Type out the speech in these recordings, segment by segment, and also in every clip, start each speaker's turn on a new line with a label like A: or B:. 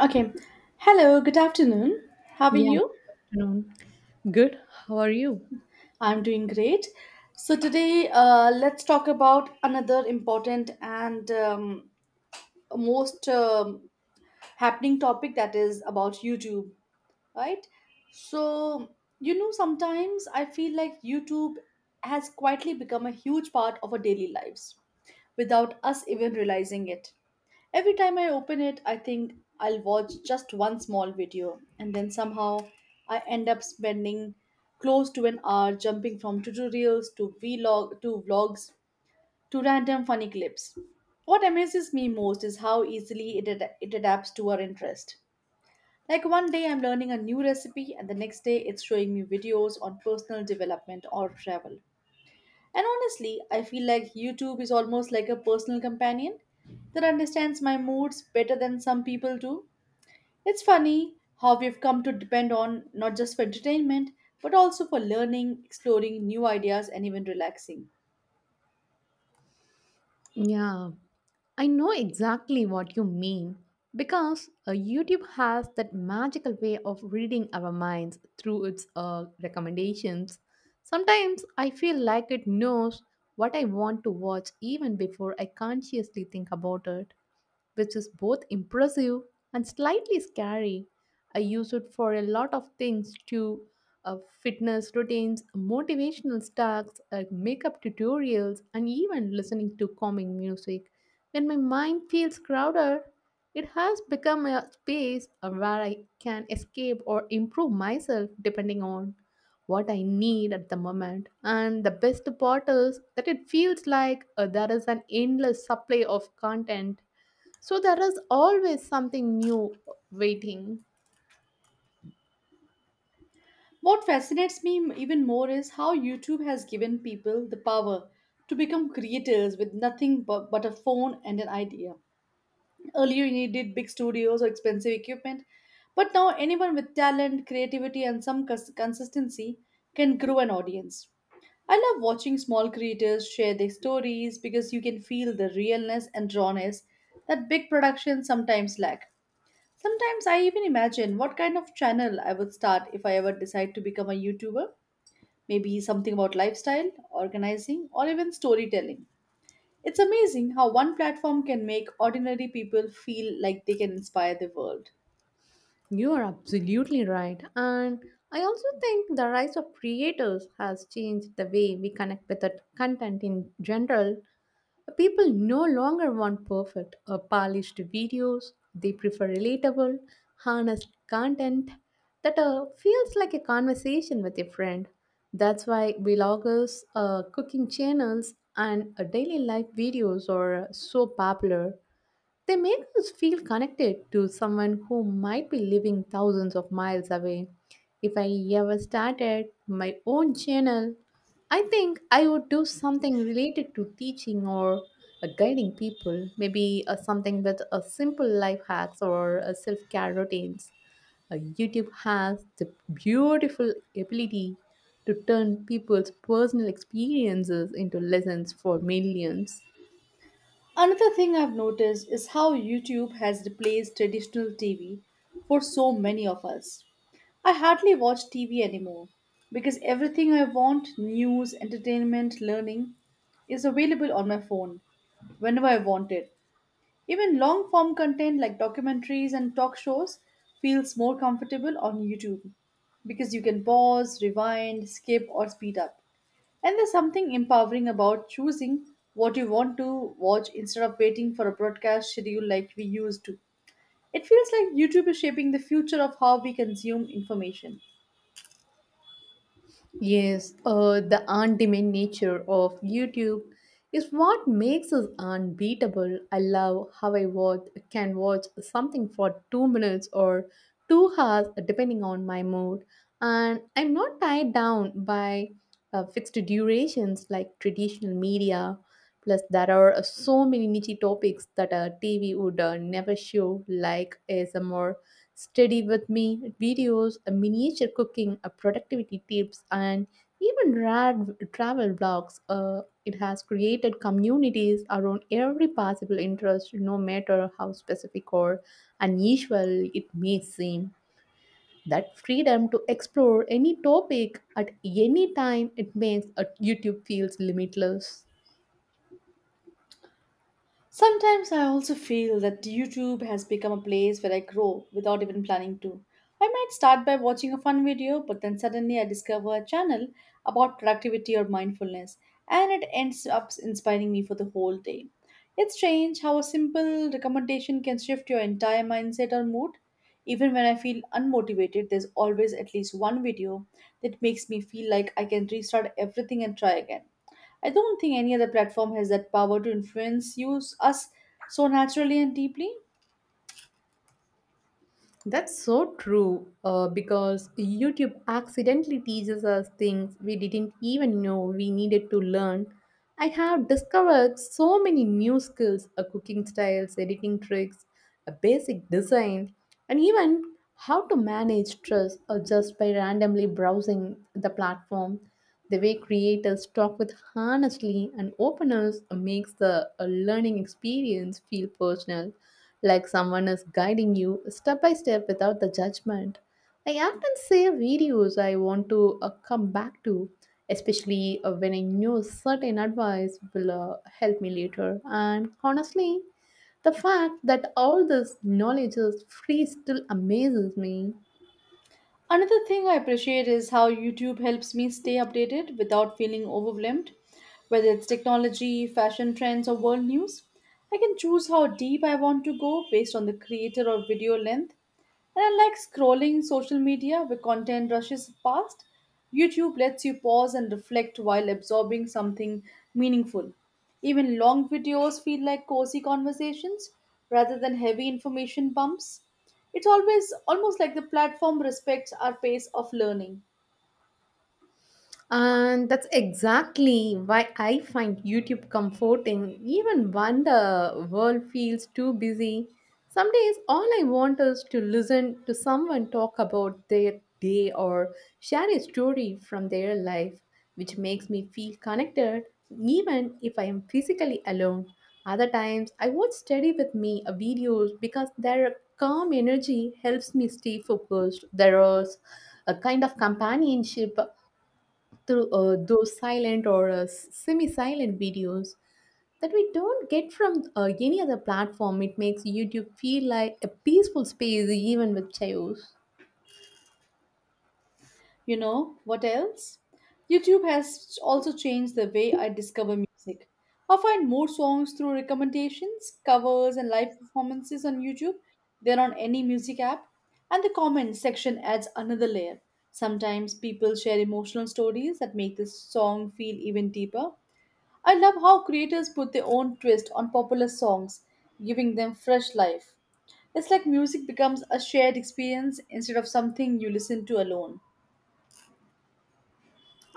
A: Okay. Hello, good afternoon. How are
B: Yeah,
A: you?
B: good afternoon. Good. How are you?
A: I'm doing great. So, today let's talk about another important and most happening topic that is about YouTube, right? So, you know, sometimes I feel like YouTube has quietly become a huge part of our daily lives without us even realizing it. Every time I open it, I think I'll watch just one small video, and then somehow I end up spending close to an hour jumping from tutorials to vlog to vlogs to random funny clips. What amazes me most is how easily it adapts to our interest. Like one day I'm learning a new recipe, and the next day it's showing me videos on personal development or travel. And honestly, I feel like YouTube is almost like a personal companion that understands my moods better than some people do. It's funny how we've come to depend on not just for entertainment, but also for learning, exploring new ideas, and even relaxing.
B: Yeah, I know exactly what you mean because YouTube has that magical way of reading our minds through its recommendations. Sometimes I feel like it knows what I want to watch even before I consciously think about it, which is both impressive and slightly scary. I use it for a lot of things too, fitness routines, motivational stacks, makeup tutorials, and even listening to calming music. When my mind feels crowded, it has become a space where I can escape or improve myself depending on what I need at the moment. And the best part is that it feels like there is an endless supply of content, so there is always something new waiting.
A: What fascinates me even more is how YouTube has given people the power to become creators with nothing but a phone and an idea. Earlier, you needed big studios or expensive equipment, but now anyone with talent, creativity, and some consistency can grow an audience. I love watching small creators share their stories because you can feel the realness and rawness that big productions sometimes lack. Sometimes I even imagine what kind of channel I would start if I ever decide to become a YouTuber. Maybe something about lifestyle, organizing, or even storytelling. It's amazing how one platform can make ordinary people feel like they can inspire the world.
B: You are absolutely right. And I also think the rise of creators has changed the way we connect with the content in general. People no longer want perfect or polished videos. They prefer relatable, honest content that feels like a conversation with a friend. That's why vloggers, cooking channels, and daily life videos are so popular. They make us feel connected to someone who might be living thousands of miles away. If I ever started my own channel, I think I would do something related to teaching or guiding people, maybe something with a simple life hacks or self-care routines. YouTube has the beautiful ability to turn people's personal experiences into lessons for millions.
A: Another thing I've noticed is how YouTube has replaced traditional TV for so many of us. I hardly watch TV anymore because everything I want, news, entertainment, learning, is available on my phone whenever I want it. Even long form content like documentaries and talk shows feels more comfortable on YouTube because you can pause, rewind, skip, or speed up. And there's something empowering about choosing what you want to watch instead of waiting for a broadcast schedule like we used to. It feels like YouTube is shaping the future of how we consume information.
B: Yes, the on-demand nature of YouTube is what makes us unbeatable. I love how can watch something for 2 minutes or 2 hours, depending on my mood, and I'm not tied down by fixed durations like traditional media. Plus, there are so many niche topics that a TV would never show, like ASMR study with me videos, a miniature cooking, a productivity tips, and even rad travel blogs. It has created communities around every possible interest, no matter how specific or unusual it may seem. That freedom to explore any topic at any time, it makes a YouTube feels limitless.
A: Sometimes I also feel that YouTube has become a place where I grow without even planning to. I might start by watching a fun video, but then suddenly I discover a channel about productivity or mindfulness, and it ends up inspiring me for the whole day. It's strange how a simple recommendation can shift your entire mindset or mood. Even when I feel unmotivated, there's always at least one video that makes me feel like I can restart everything and try again. I don't think any other platform has that power to influence use us so naturally and deeply.
B: That's so true, because YouTube accidentally teaches us things we didn't even know we needed to learn. I have discovered so many new skills, cooking styles, editing tricks, a basic design, and even how to manage stress, just by randomly browsing the platform. The way creators talk with honestly and openness makes the learning experience feel personal, like someone is guiding you step by step without the judgment. I often save videos I want to come back to, especially when I know certain advice will help me later. And honestly, the fact that all this knowledge is free still amazes me.
A: Another thing I appreciate is how YouTube helps me stay updated without feeling overwhelmed. Whether it's technology, fashion trends, or world news, I can choose how deep I want to go based on the creator or video length. And unlike scrolling social media where content rushes past, YouTube lets you pause and reflect while absorbing something meaningful. Even long videos feel like cozy conversations rather than heavy information bumps. It's always almost like the platform respects our pace of learning.
B: And that's exactly why I find YouTube comforting, even when the world feels too busy. Some days, all I want is to listen to someone talk about their day or share a story from their life, which makes me feel connected, even if I am physically alone. Other times, I watch study with me videos because their calm energy helps me stay focused. There is a kind of companionship through those silent or semi silent videos that we don't get from any other platform. It makes YouTube feel like a peaceful space even with chaos.
A: You know what else? YouTube has also changed the way I discover music. I find more songs through recommendations, covers, and live performances on YouTube than on any music app. And the comment section adds another layer. Sometimes people share emotional stories that make the song feel even deeper. I love how creators put their own twist on popular songs, giving them fresh life. It's like music becomes a shared experience instead of something you listen to alone.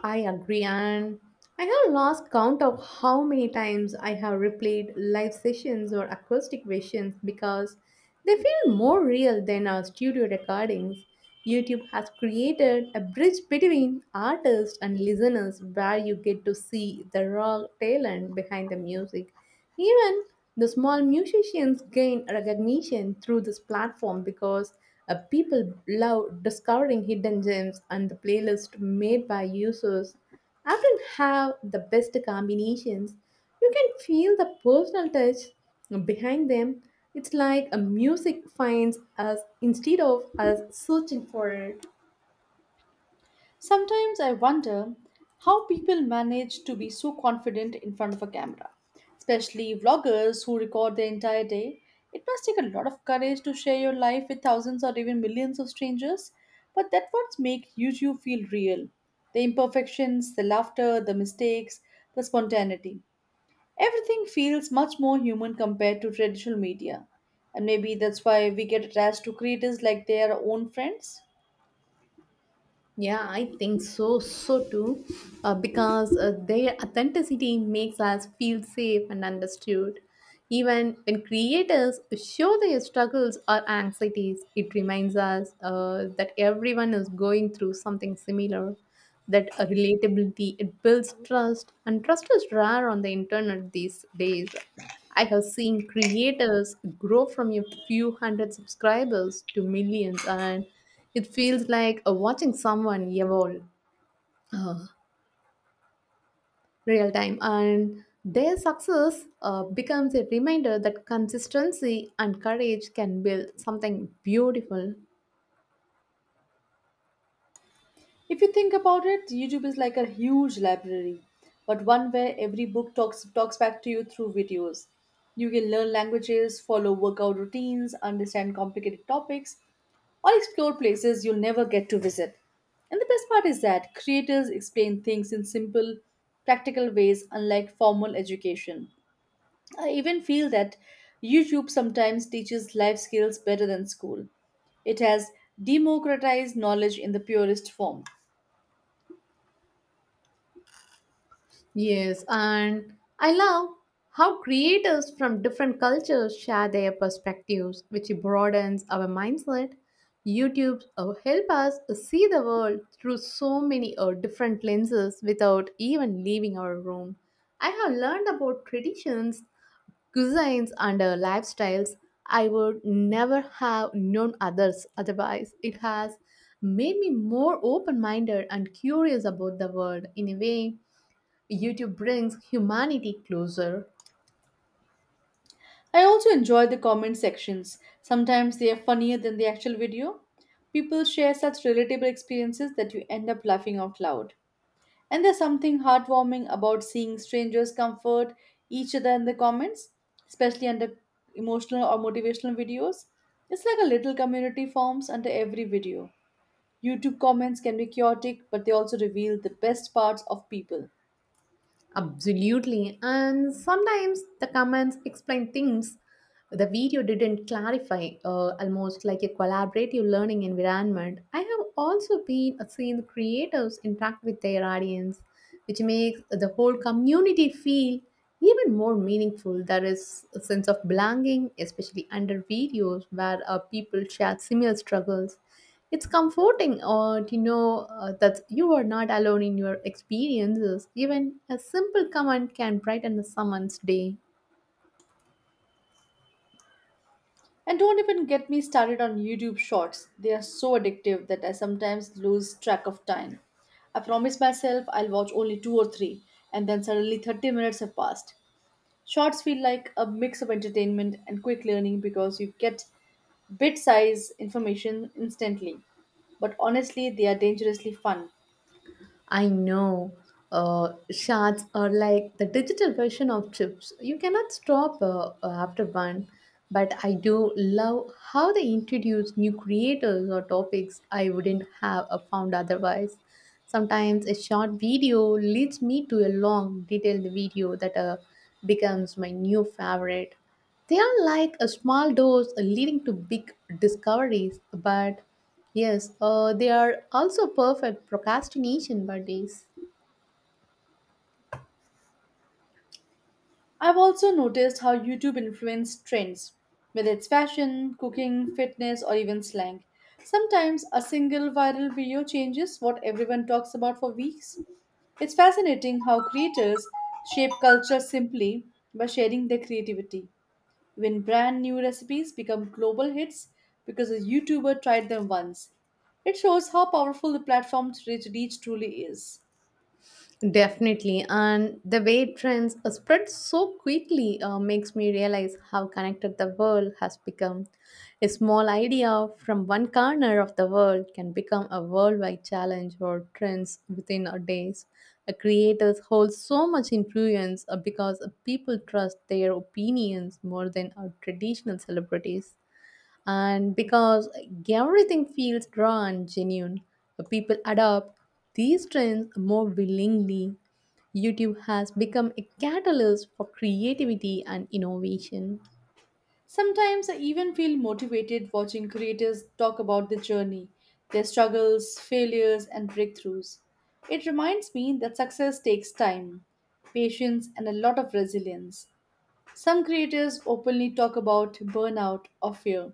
B: I agree, and I have lost count of how many times I have replayed live sessions or acoustic versions because they feel more real than our studio recordings. YouTube has created a bridge between artists and listeners where you get to see the raw talent behind the music. Even the small musicians gain recognition through this platform because people love discovering hidden gems, and the playlist made by users often have the best combinations. You can feel the personal touch behind them. It's like a music finds us instead of us searching for it.
A: Sometimes I wonder how people manage to be so confident in front of a camera, especially vloggers who record their entire day. It must take a lot of courage to share your life with thousands or even millions of strangers, but that's what makes YouTube feel real. The imperfections, the laughter, the mistakes, the spontaneity. Everything feels much more human compared to traditional media, and maybe that's why we get attached to creators like they are our own friends.
B: Yeah, I think so too, because their authenticity makes us feel safe and understood. Even when creators show their struggles or anxieties, it reminds us that everyone is going through something similar. That a relatability, it builds trust, and trust is rare on the internet these days. I have seen creators grow from a few hundred subscribers to millions, and it feels like watching someone evolve uh, real time. And their success becomes a reminder that consistency and courage can build something beautiful.
A: If you think about it, YouTube is like a huge library, but one where every book talks back to you through videos. You can learn languages, follow workout routines, understand complicated topics, or explore places you'll never get to visit. And the best part is that creators explain things in simple, practical ways, unlike formal education. I even feel that YouTube sometimes teaches life skills better than school. It has democratized knowledge in the purest form.
B: Yes, and I love how creators from different cultures share their perspectives, which broadens our mindset. YouTube help us see the world through so many different lenses without even leaving our room. I have learned about traditions, cuisines, and lifestyles I would never have known others otherwise. It has made me more open minded and curious about the world in a way YouTube brings humanity closer.
A: I also enjoy the comment sections. Sometimes they are funnier than the actual video. People share such relatable experiences that you end up laughing out loud. And there's something heartwarming about seeing strangers comfort each other in the comments, especially under emotional or motivational videos. It's like a little community forms under every video. YouTube comments can be chaotic, but they also reveal the best parts of people.
B: Absolutely, and sometimes the comments explain things the video didn't clarify, almost like a collaborative learning environment. I have also been seen creators interact with their audience, which makes the whole community feel even more meaningful. There is a sense of belonging, especially under videos where people share similar struggles. It's comforting to know that you are not alone in your experiences. Even a simple comment can brighten someone's day.
A: And don't even get me started on YouTube Shorts. They are so addictive that I sometimes lose track of time. I promise myself I'll watch only two or three, and then suddenly 30 minutes have passed. Shorts feel like a mix of entertainment and quick learning because you get bit size information instantly. But honestly, they are dangerously fun.
B: I know. Shards are like the digital version of chips. You cannot stop after one, but I do love how they introduce new creators or topics I wouldn't have found otherwise. Sometimes a short video leads me to a long, detailed video that becomes my new favorite. They are like a small doors leading to big discoveries, but yes, they are also perfect procrastination buddies.
A: I've also noticed how YouTube influences trends, whether it's fashion, cooking, fitness, or even slang. Sometimes a single viral video changes what everyone talks about for weeks. It's fascinating how creators shape culture simply by sharing their creativity. When brand new recipes become global hits because a YouTuber tried them once, it shows how powerful the platform's reach truly is.
B: Definitely. And the way trends spread so quickly makes me realize how connected the world has become. A small idea from one corner of the world can become a worldwide challenge or trends within our days. Creators hold so much influence because people trust their opinions more than our traditional celebrities, and because everything feels raw and genuine, people adopt these trends more willingly. YouTube has become a catalyst for creativity and innovation.
A: Sometimes I even feel motivated watching creators talk about their journey, their struggles, failures, and breakthroughs. It reminds me that success takes time, patience, and a lot of resilience. Some creators openly talk about burnout or fear,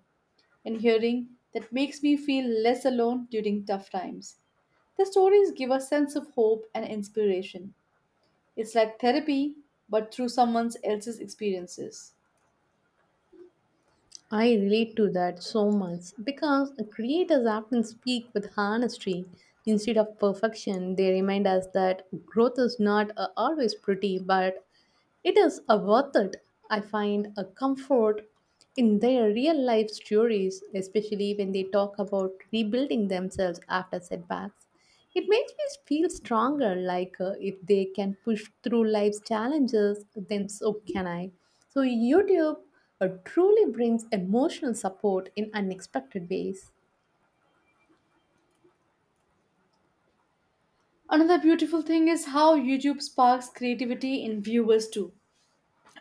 A: and hearing that makes me feel less alone during tough times. The stories give a sense of hope and inspiration. It's like therapy, but through someone else's experiences.
B: I relate to that so much because creators often speak with honesty instead of perfection. They remind us that growth is not always pretty, but it is a worth it. I find a comfort in their real life stories, especially when they talk about rebuilding themselves after setbacks. It makes me feel stronger, like if they can push through life's challenges, then so can I. So, YouTube truly brings emotional support in unexpected ways.
A: Another beautiful thing is how YouTube sparks creativity in viewers too.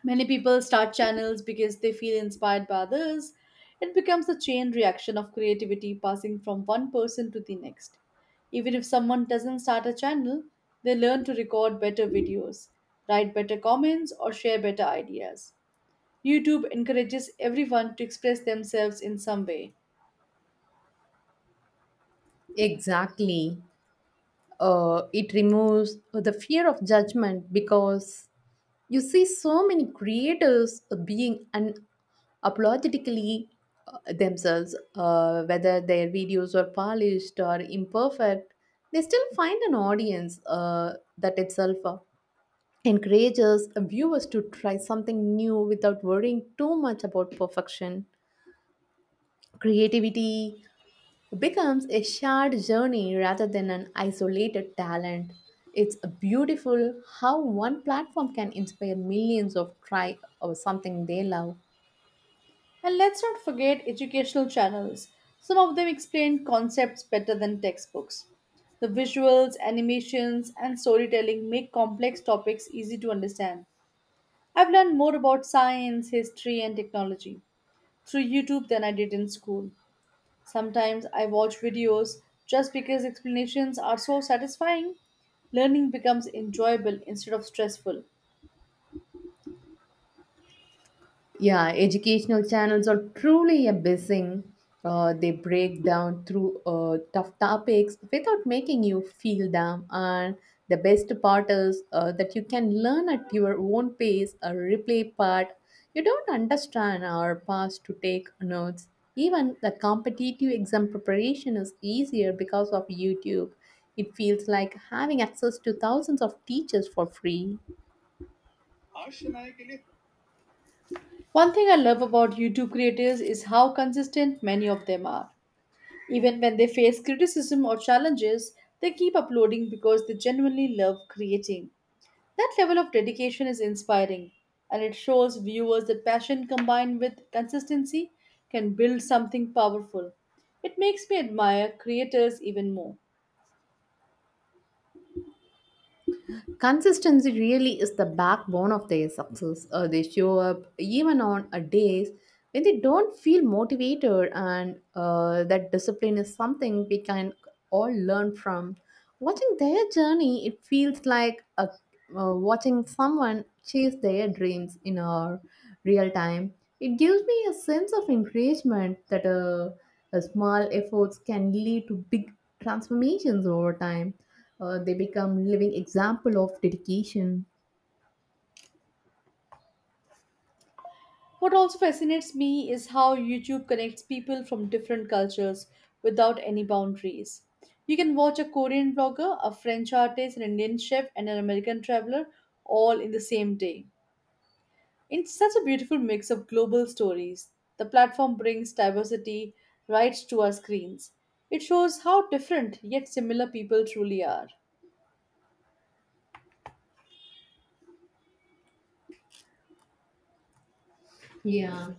A: Many people start channels because they feel inspired by others. It becomes a chain reaction of creativity passing from one person to the next. Even if someone doesn't start a channel, they learn to record better videos, write better comments, or share better ideas. YouTube encourages everyone to express themselves in some way.
B: Exactly. It removes the fear of judgment because you see so many creators being unapologetically themselves, whether their videos are polished or imperfect, they still find an audience that itself encourages viewers to try something new without worrying too much about perfection. Creativity becomes a shared journey rather than an isolated talent. It's beautiful how one platform can inspire millions of try or something they love.
A: And let's not forget educational channels. Some of them explain concepts better than textbooks. The visuals, animations, and storytelling make complex topics easy to understand. I've learned more about science, history, and technology through YouTube than I did in school. Sometimes I watch videos just because explanations are so satisfying. Learning becomes enjoyable instead of stressful.
B: Yeah, educational channels are truly amazing. They break down through tough topics without making you feel dumb. And the best part is that you can learn at your own pace or replay part you don't understand or past to take notes. Even the competitive exam preparation is easier because of YouTube. It feels like having access to thousands of teachers for free.
A: One thing I love about YouTube creators is how consistent many of them are. Even when they face criticism or challenges, they keep uploading because they genuinely love creating. That level of dedication is inspiring, and it shows viewers that passion combined with consistency can build something powerful. It makes me admire creators even more.
B: Consistency really is the backbone of their success. They show up even on days when they don't feel motivated, and that discipline is something we can all learn from. Watching their journey, it feels like watching someone chase their dreams in our real time. It gives me a sense of encouragement that small efforts can lead to big transformations over time. They become living example of dedication.
A: What also fascinates me is how YouTube connects people from different cultures without any boundaries. You can watch a Korean blogger, a French artist, an Indian chef, and an American traveler all in the same day. It's such a beautiful mix of global stories. The platform brings diversity right to our screens. It shows how different yet similar people truly are.
B: Yeah.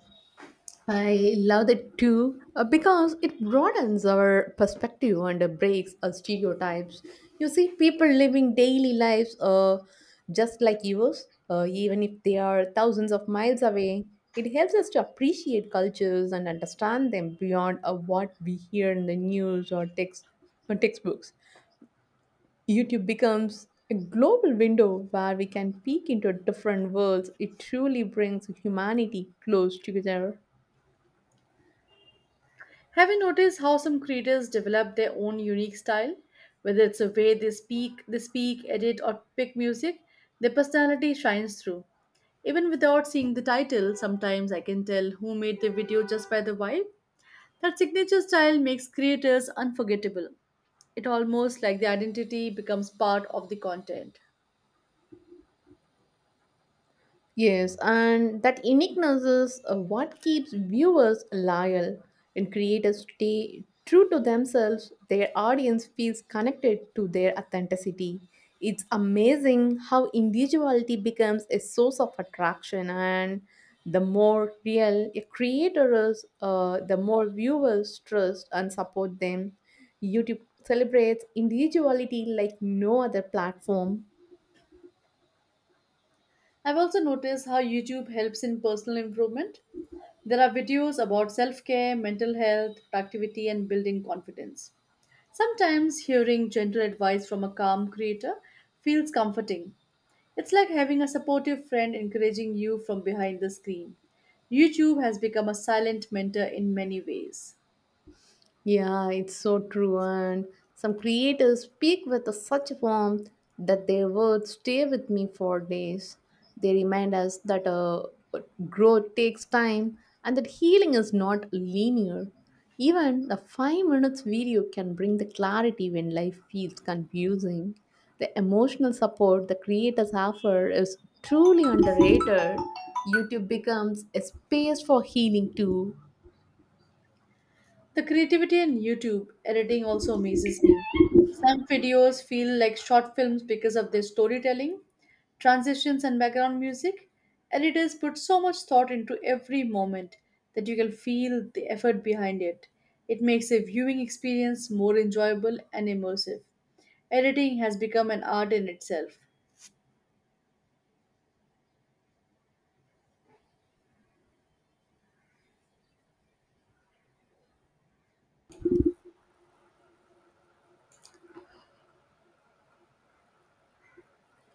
B: I love that too, because it broadens our perspective and breaks our stereotypes. You see people living daily lives just like yours, even if they are thousands of miles away. It helps us to appreciate cultures and understand them beyond what we hear in the news or textbooks. YouTube becomes a global window where we can peek into different worlds. It truly brings humanity close together.
A: Have you noticed how some creators develop their own unique style? Whether it's the way they speak, edit, or pick music, their personality shines through. Even without seeing the title, sometimes I can tell who made the video just by the vibe. That signature style makes creators unforgettable. It almost like the identity becomes part of the content.
B: Yes, and that uniqueness is what keeps viewers loyal and creators stay true to themselves. Their audience feels connected to their authenticity. It's amazing how individuality becomes a source of attraction, and the more real a creator is, the more viewers trust and support them. YouTube celebrates individuality like no other platform.
A: I've also noticed how YouTube helps in personal improvement. There are videos about self care, mental health, productivity, and building confidence. Sometimes hearing gentle advice from a calm creator feels comforting. It's like having a supportive friend encouraging you from behind the screen. YouTube has become a silent mentor in many ways.
B: Yeah, it's so true. And some creators speak with a such warmth that their words stay with me for days. They remind us that growth takes time and that healing is not linear. Even a 5 minutes video can bring the clarity when life feels confusing. The emotional support the creators offer is truly underrated. YouTube becomes a space for healing too.
A: The creativity in YouTube editing also amazes me. Some videos feel like short films because of their storytelling, transitions, and background music. Editors put so much thought into every moment that you can feel the effort behind it. It makes a viewing experience more enjoyable and immersive. Editing has become an art in itself.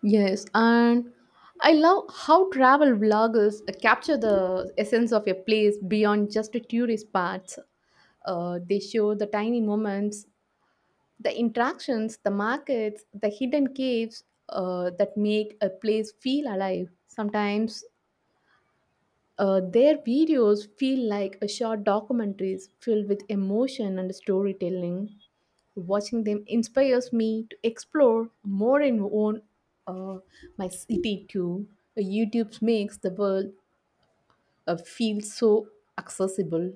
B: Yes, and I love how travel vloggers capture the essence of a place beyond just the tourist spots. They show the tiny moments, the interactions, the markets, the hidden caves that make a place feel alive. Sometimes their videos feel like a short documentaries filled with emotion and storytelling. Watching them inspires me to explore more and own uh, my city too. YouTube makes the world feel so accessible.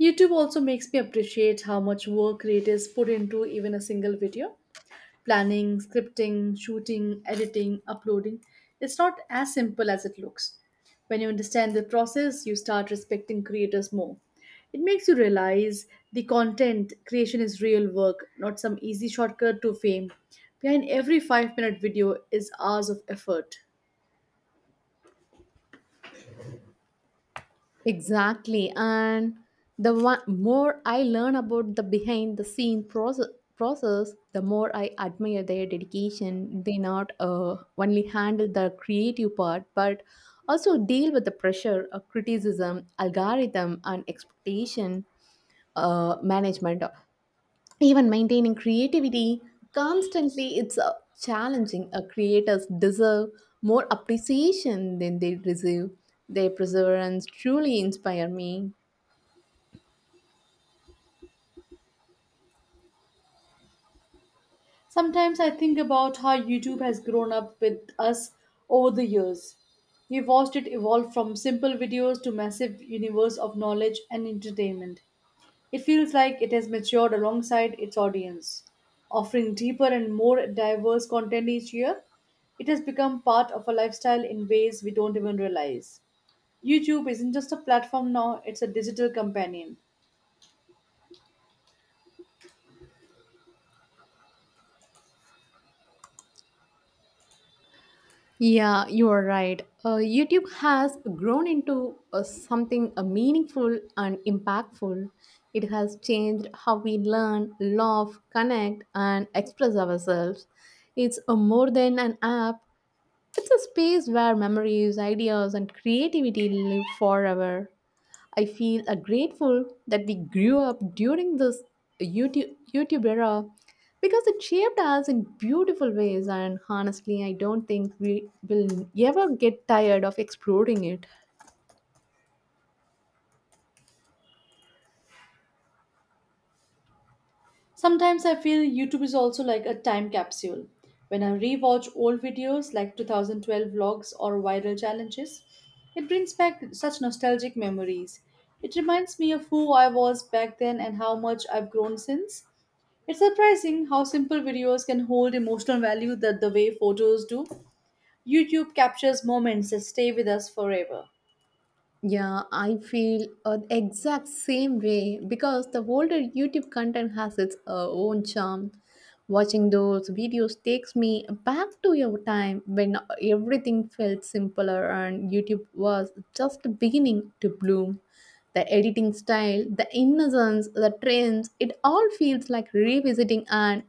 A: YouTube also makes me appreciate how much work creators put into even a single video. Planning, scripting, shooting, editing, uploading. It's not as simple as it looks. When you understand the process, you start respecting creators more. It makes you realize the content creation is real work, not some easy shortcut to fame. Behind every 5-minute video is hours of effort.
B: Exactly, and the one, more I learn about the behind the scene process, the more I admire their dedication. They not only handle the creative part, but also deal with the pressure of criticism, algorithm, and expectation management. Even maintaining creativity constantly it's challenging. Creators deserve more appreciation than they receive. Their perseverance truly inspire me.
A: Sometimes I think about how YouTube has grown up with us over the years. We've watched it evolve from simple videos to massive universe of knowledge and entertainment. It feels like it has matured alongside its audience, offering deeper and more diverse content each year. It has become part of our lifestyle in ways we don't even realize. YouTube isn't just a platform now, it's a digital companion.
B: Yeah, you are right. YouTube has grown into something meaningful and impactful. It has changed how we learn, love, connect, and express ourselves. It's more than an app. It's a space where memories, ideas, and creativity live forever. I feel grateful that we grew up during this YouTube era, because it shaped us in beautiful ways, and honestly, I don't think we will ever get tired of exploring it.
A: Sometimes I feel YouTube is also like a time capsule. When I rewatch old videos like 2012 vlogs or viral challenges, it brings back such nostalgic memories. It reminds me of who I was back then and how much I've grown since. It's surprising how simple videos can hold emotional value that the way photos do. YouTube captures moments that stay with us forever.
B: Yeah, I feel the exact same way, because the older YouTube content has its own charm. Watching those videos takes me back to your time when everything felt simpler and YouTube was just beginning to bloom. The editing style, the innocence, the trends, it all feels like revisiting an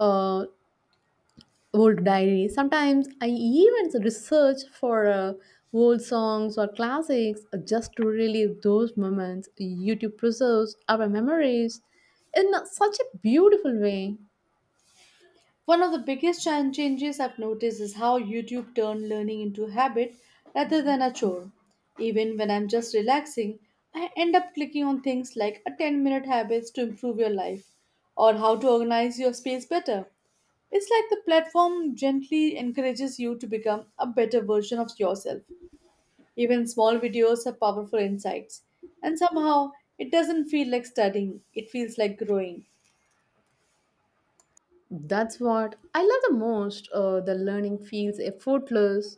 B: uh, old diaries. Sometimes I even research for old songs or classics just to relive those moments. YouTube preserves our memories in such a beautiful way.
A: One of the biggest changes I've noticed is how YouTube turned learning into a habit rather than a chore. Even when I'm just relaxing, I end up clicking on things like a 10-minute habits to improve your life or how to organize your space better. It's like the platform gently encourages you to become a better version of yourself. Even small videos have powerful insights, and somehow it doesn't feel like studying, it feels like growing.
B: That's what I love the most. The learning feels effortless.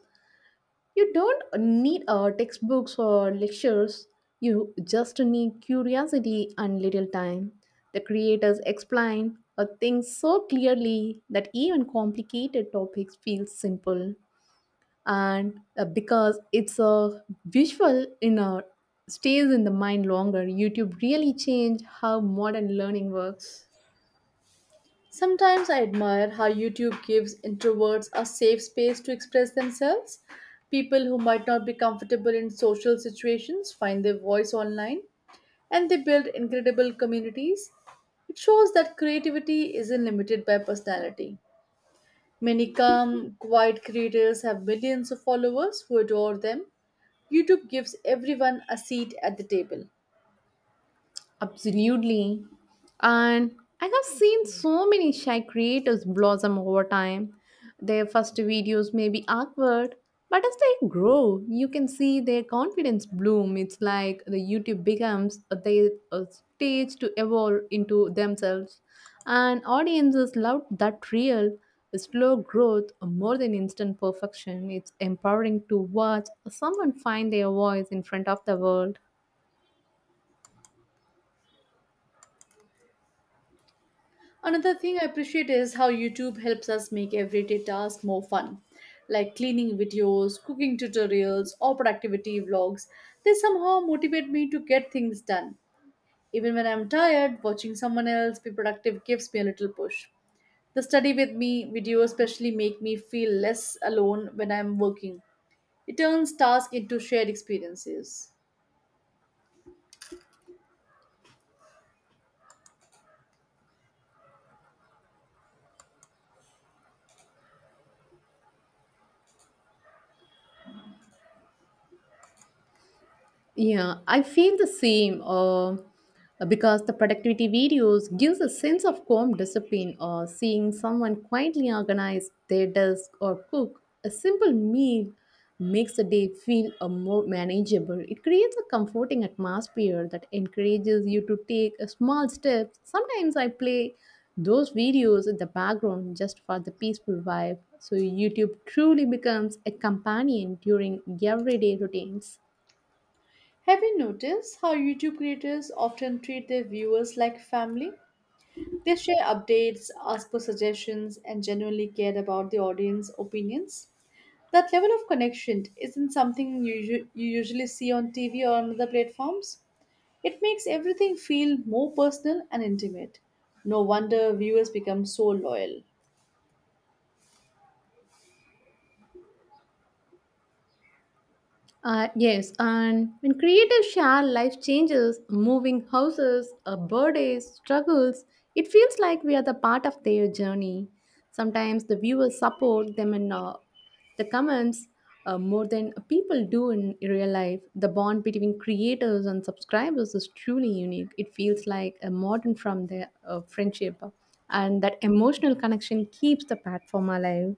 B: You don't need textbooks or lectures. You just need curiosity and little time. The creators explain things so clearly that even complicated topics feel simple. And because it's a visual in a stays in the mind longer, YouTube really changed how modern learning works.
A: Sometimes I admire how YouTube gives introverts a safe space to express themselves. People who might not be comfortable in social situations find their voice online and they build incredible communities. It shows that creativity isn't limited by personality. Many calm, quiet creators have millions of followers who adore them. YouTube gives everyone a seat at the table.
B: Absolutely. And I have seen so many shy creators blossom over time. Their first videos may be awkward, but as they grow, you can see their confidence bloom. It's like the YouTube becomes a, they, a stage to evolve into themselves. And audiences love that real, slow growth more than instant perfection. It's empowering to watch someone find their voice in front of the world.
A: Another thing I appreciate is how YouTube helps us make everyday tasks more fun, like cleaning videos, cooking tutorials, or productivity vlogs. They somehow motivate me to get things done. Even when I'm tired, watching someone else be productive gives me a little push. The study with me video especially make me feel less alone when I'm working. It turns tasks into shared experiences.
B: Yeah, I feel the same because the productivity videos gives a sense of calm discipline or seeing someone quietly organize their desk or cook a simple meal makes the day feel a more manageable. It creates a comforting atmosphere that encourages you to take a small steps. Sometimes I play those videos in the background just for the peaceful vibe. So YouTube truly becomes a companion during everyday routines.
A: Have you noticed how YouTube creators often treat their viewers like family? They share updates, ask for suggestions, and genuinely care about the audience opinions. That level of connection isn't something you usually see on TV or on other platforms. It makes everything feel more personal and intimate. No wonder viewers become so loyal.
B: Yes, and when creators share life changes, moving houses, birthdays, struggles, it feels like we are the part of their journey. Sometimes the viewers support them in the comments more than people do in real life. The bond between creators and subscribers is truly unique. It feels like a modern from their friendship, and that emotional connection keeps the platform alive.